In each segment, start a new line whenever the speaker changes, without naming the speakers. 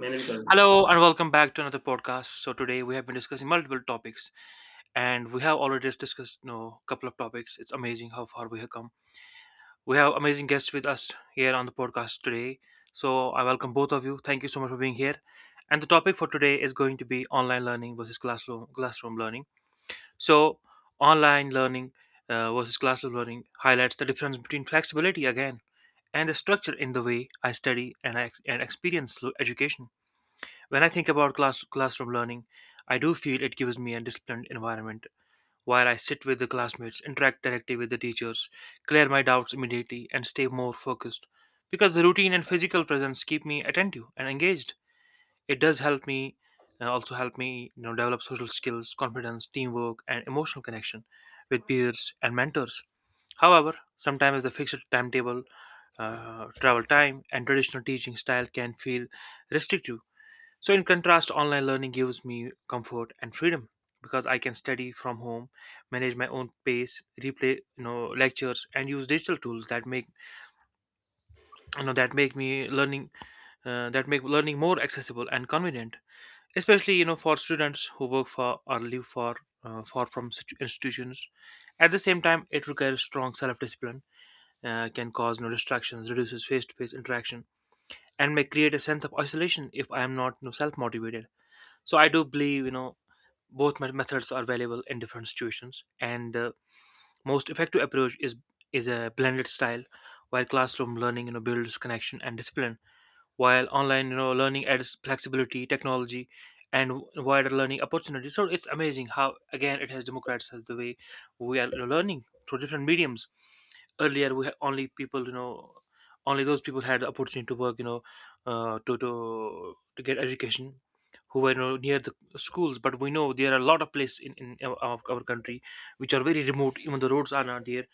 मैंने भी कर दिया।
Hello and welcome back to another podcast. So today we have been discussing multiple topics, and we have already discussed a couple of topics. It's amazing how far we have come. We have amazing guests with us here on the podcast today. So I welcome both of you. Thank you so much for being here. And the topic for today is going to be online learning versus classroom learning. So online learning versus classroom learning highlights the difference between flexibility again, and the structure in the way I study and and experience education. When I think about classroom learning, I do feel it gives me a disciplined environment where I sit with the classmates, interact directly with the teachers, clear my doubts immediately, and stay more focused, because the routine and physical presence keep me attentive and engaged. It does help me develop social skills, confidence, teamwork, and emotional connection with peers and mentors. However, sometimes the fixed timetable, travel time, and traditional teaching style can feel restrictive. So, in contrast, online learning gives me comfort and freedom because I can study from home, manage my own pace, replay lectures, and use digital tools that make me learning that make learning more accessible and convenient, especially for students who work for or live for far from institutions. At the same time, it requires strong self-discipline, can cause no distractions, reduces face-to-face interaction, and may create a sense of isolation if I am not self-motivated. So I do believe both methods are valuable in different situations, and the most effective approach is a blended style. While classroom learning builds connection and discipline, while online learning adds flexibility, technology, and wider learning opportunities. So it's amazing how again it has democratized the way we are learning through different mediums. Earlier we had only people you know only those people had the opportunity to work. Uh, to to to get education, who were near the schools. But we know there are a lot of places in our country, which are very remote, even the roads are not there,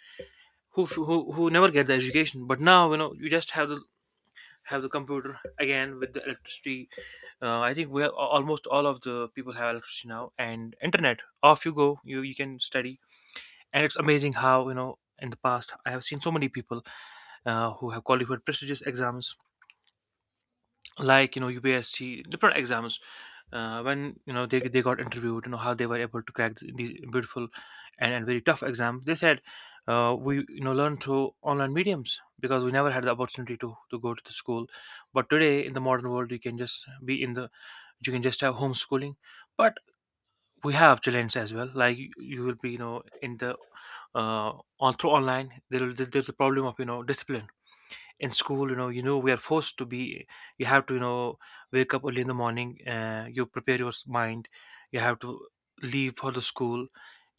who, who never get the education. But now you know you just have the computer again with the electricity. I think we have almost all of the people have electricity now, and internet off you go, you can study. And it's amazing how you know in the past I have seen so many people who have qualified prestigious exams like you know UPSC, different exams. When you know they got interviewed, you know how they were able to crack these beautiful, and very tough exams. They said, we you know learned through online mediums, because we never had the opportunity to go to the school. But today in the modern world you can just be in the you can just have homeschooling. But we have challenged as well, like you will be you know in the uh on through online there's a problem of you know discipline. In school you know we are forced to be, you have to you know wake up early in the morning, you prepare your mind, you have to leave for the school,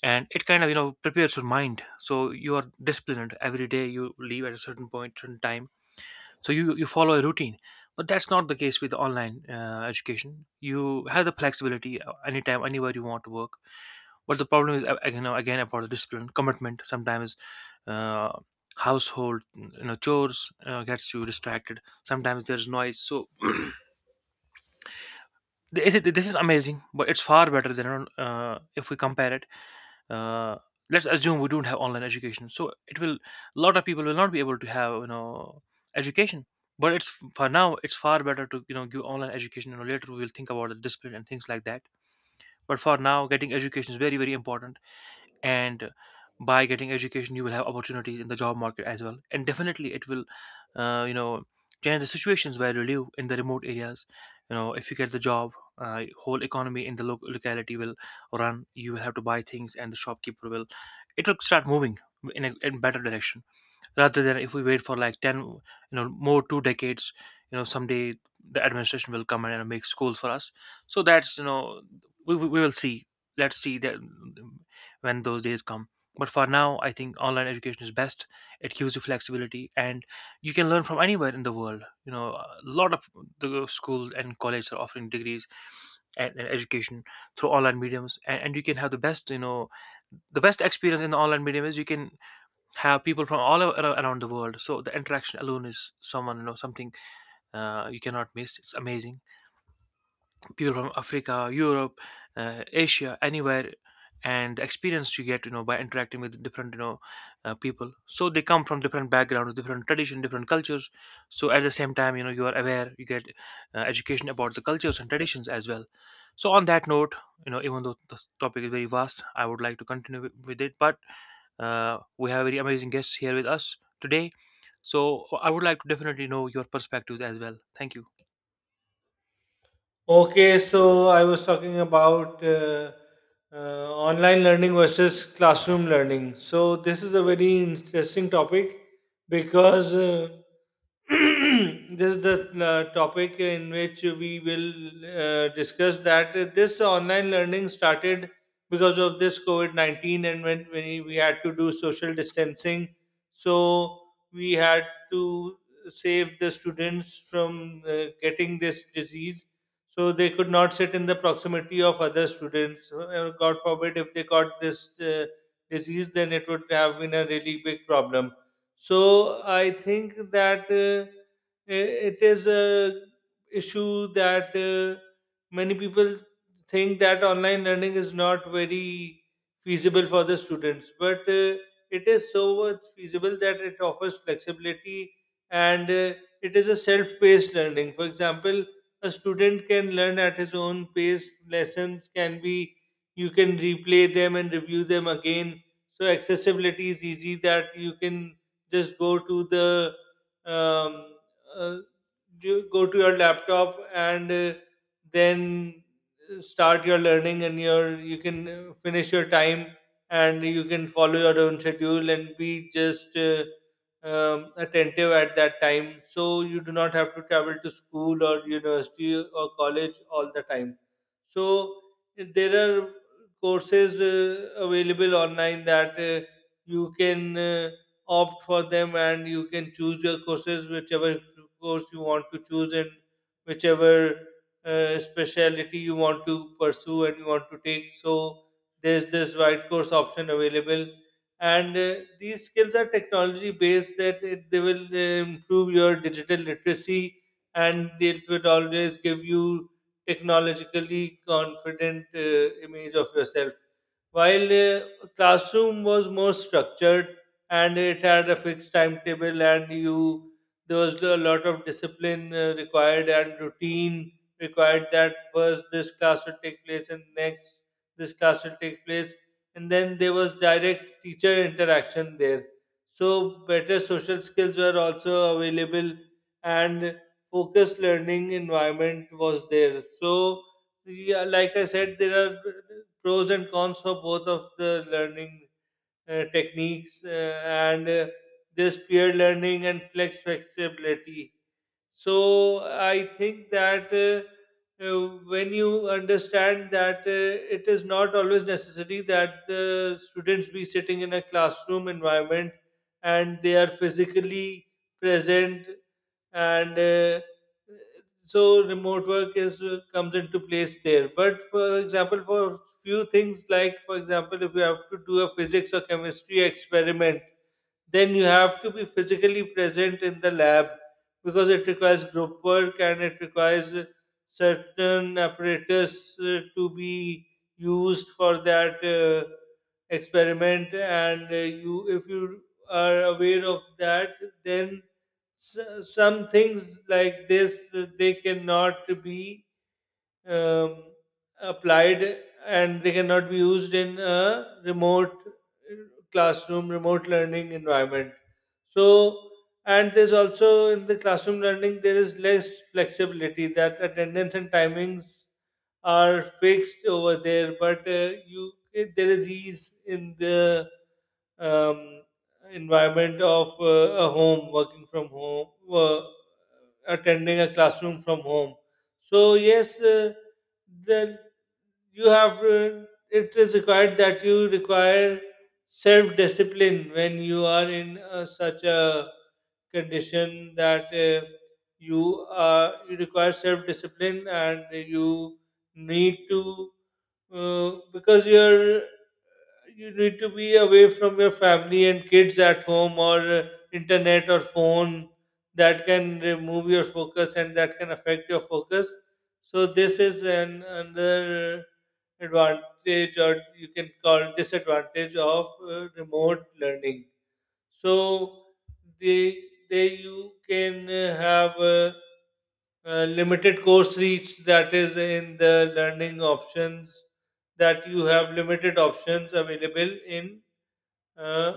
and it kind of you know prepares your mind, so you are disciplined every day, you leave at a certain point certain time, so you follow a routine. But that's not the case with online education. You have the flexibility, anytime, anywhere you want to work. But the problem is, you know, again about the discipline commitment. Sometimes uh, household you know chores gets you distracted, sometimes there's noise. So this is amazing, but it's far better than, if we compare it, uh, let's assume we don't have online education, so it will a lot of people will not be able to have you know education. But it's, for now it's far better to you know give online education, you know later we will think about the discipline and things like that. But for now getting education is very very important. And by getting education you will have opportunities in the job market as well, and definitely it will you know change the situations where you live in the remote areas. You know if you get the job, whole economy in the locality will run, you will have to buy things and the shopkeeper will, it will start moving in a in better direction, rather than if we wait for like 10 you know more 2 decades, you know someday the administration will come in and make schools for us. So that's you know we will see, let's see that when those days come. But for now I think online education is best. It gives you flexibility, and you can learn from anywhere in the world. You know a lot of the school and college are offering degrees and education through online mediums, and you can have the best you know, the best experience in the online medium is you can have people from all around the world. So the interaction alone is someone you know something, you cannot miss, it's amazing. People from Africa, Europe, Asia, anywhere, and the experience you get, you know, by interacting with different, you know, people. So they come from different backgrounds, different tradition, different cultures. So at the same time, you know, you are aware, you get education about the cultures and traditions as well. So on that note, you know, even though the topic is very vast, I would like to continue with it, but we have very amazing guests here with us today. So I would like to definitely know your perspectives as well. Thank you.
Okay, so I was talking about online learning versus classroom learning. So this is a very interesting topic because this is the topic in which we will discuss that this online learning started because of this COVID 19 and when we had to do social distancing. So we had to save the students from getting this disease so they could not sit in the proximity of other students. So, God forbid, if they got this disease, then it would have been a really big problem. So I think that it is a issue that many people think that online learning is not very feasible for the students, but it is so much feasible that it offers flexibility and it is a self-paced learning. For example, a student can learn at his own pace. Lessons can be, you can replay them and review them again. So accessibility is easy that you can just go to um, uh, you go to your laptop and then start your learning and you can finish your time and you can follow your own schedule and be just attentive at that time. So you do not have to travel to school or university or college all the time. So there are courses available online that you can opt for them and you can choose your courses, whichever course you want to choose and whichever specialty you want to pursue and you want to take. So there's this white course option available and these skills are technology based that they will improve your digital literacy and it will always give you technologically confident image of yourself while classroom was more structured and it had a fixed timetable and you there was a lot of discipline required and routine required that first this class will take place and next this class will take place and then there was direct teacher interaction there, so better social skills were also available and focused learning environment was there. So yeah, like I said, there are pros and cons for both of the learning techniques, and this peer learning and flexibility. So I think that when you understand that it is not always necessary that the students be sitting in a classroom environment and they are physically present, and so remote work is comes into place there, but for example for few things, like for example if you have to do a physics or chemistry experiment, then you have to be physically present in the lab because it requires group work and it requires certain apparatus to be used for that experiment, and you, if you are aware of that, then so, some things like this they cannot be um, applied and they cannot be used in a remote remote learning environment. So, and there's also in the classroom learning, there is less flexibility that attendance and timings are fixed over there, but there is ease in the um, environment of a home, working from home, attending a classroom from home. So yes, then you have it is required that you require self discipline when you are in such a condition that you require self discipline and you need to because you need to be away from your family and kids at home or internet or phone that can remove your focus and that can affect your focus. So this is an another advantage or you can call disadvantage of remote learning. So they they you can have limited course reach, that is in the learning options, that you have limited options available in uh,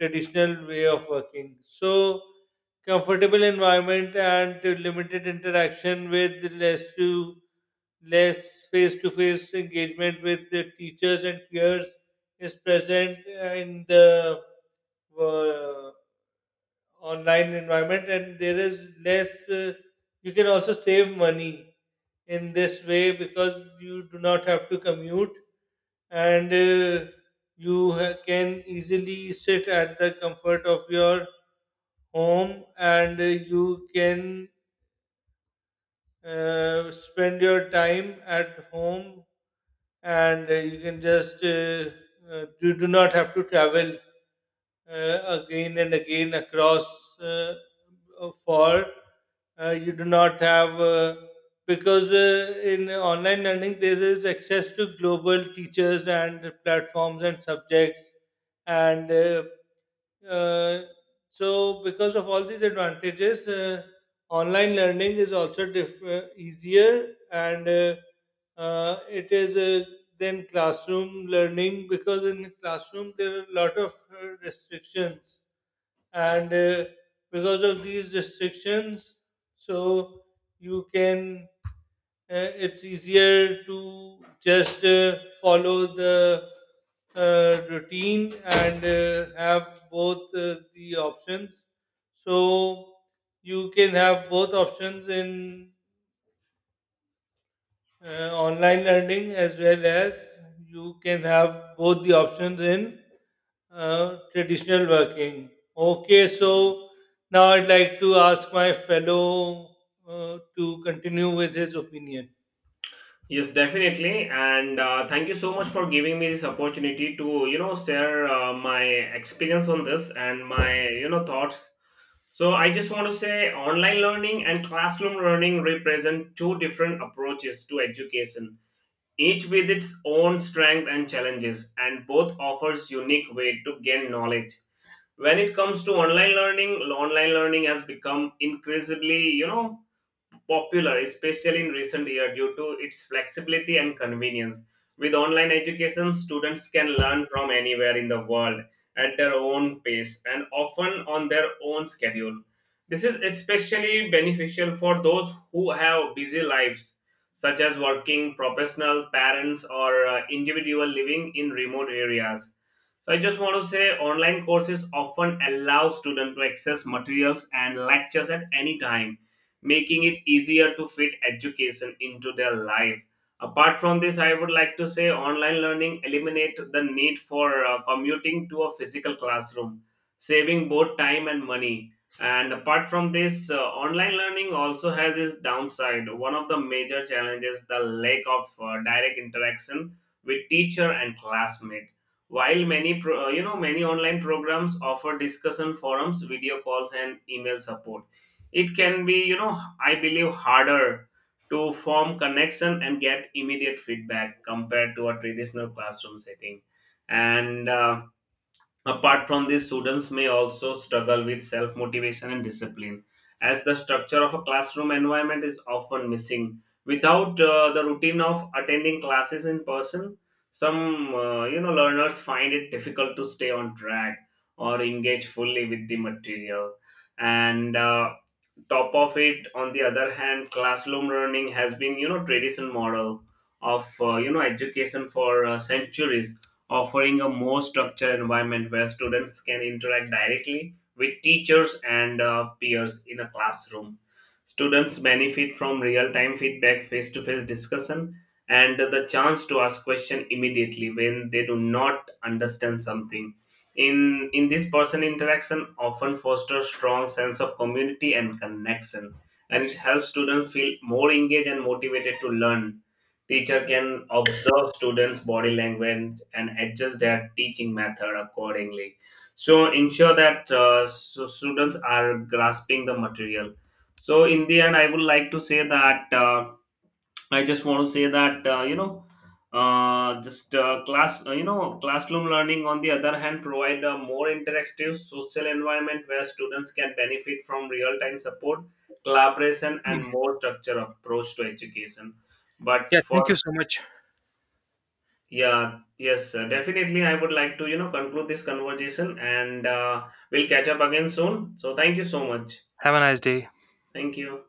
traditional way of working. So, comfortable environment and limited interaction with less face-to-face engagement with the teachers and peers is present in the uh, online environment, and there is less you can also save money in this way because you do not have to commute, and can easily sit at the comfort of your home, and you can spend your time at home, and you can just you do not have to travel again and again across uh, for you do not have because in online learning there is access to global teachers and platforms and subjects, and uh, so because of all these advantages online learning is also easier and it is then classroom learning because in classroom there are a lot of restrictions, and because of these restrictions, so you can it's easier to just follow the routine and have both the options. So you can have both options in online learning as well as you can have both the options in traditional working. Okay, so now I'd like to ask my fellow to continue with his opinion.
Yes, definitely. And thank you so much for giving me this opportunity to, share my experience on this and my thoughts. So I just want to say online learning and classroom learning represent two different approaches to education, each with its own strength and challenges, and both offers unique way to gain knowledge. When it comes to online learning has become increasingly popular, especially in recent years, due to its flexibility and convenience. With online education, students can learn from anywhere in the world at their own pace and often on their own schedule. This is especially beneficial for those who have busy lives, such as working professional parents or individual living in remote areas. So I just want to say online courses often allow students to access materials and lectures at any time, making it easier to fit education into their life. Apart from this, I would like to say online learning eliminate the need for commuting to a physical classroom, saving both time and money. And apart from this, online learning also has its downside. One of the major challenges the lack of direct interaction with teacher and classmate. While many many online programs offer discussion forums, video calls, and email support, it can be I believe harder to form connection and get immediate feedback compared to a traditional classroom setting. And uh, apart from this, students may also struggle with self motivation and discipline, as the structure of a classroom environment is often missing. Without the routine of attending classes in person, some learners find it difficult to stay on track or engage fully with the material. And uh, top of it, on the other hand, classroom learning has been tradition model of education for centuries, offering a more structured environment where students can interact directly with teachers and peers. In a classroom, students benefit from real-time feedback, face-to-face discussion, and the chance to ask question immediately when they do not understand something. In this person interaction often fosters strong sense of community and connection, and it helps students feel more engaged and motivated to learn. Teacher can observe students body language and adjust their teaching method accordingly, so ensure that so students are grasping the material. So in the end, I would like to say that I just want to say that you know, just class you know classroom learning, on the other hand, provide a more interactive social environment where students can benefit from real time support, collaboration, and more structured approach to education. But
Yeah,
for
thank you so much.
yeah yes definitely, I would like to conclude this conversation, and we'll catch up again soon. So thank you so much.
Have a nice day.
Thank you.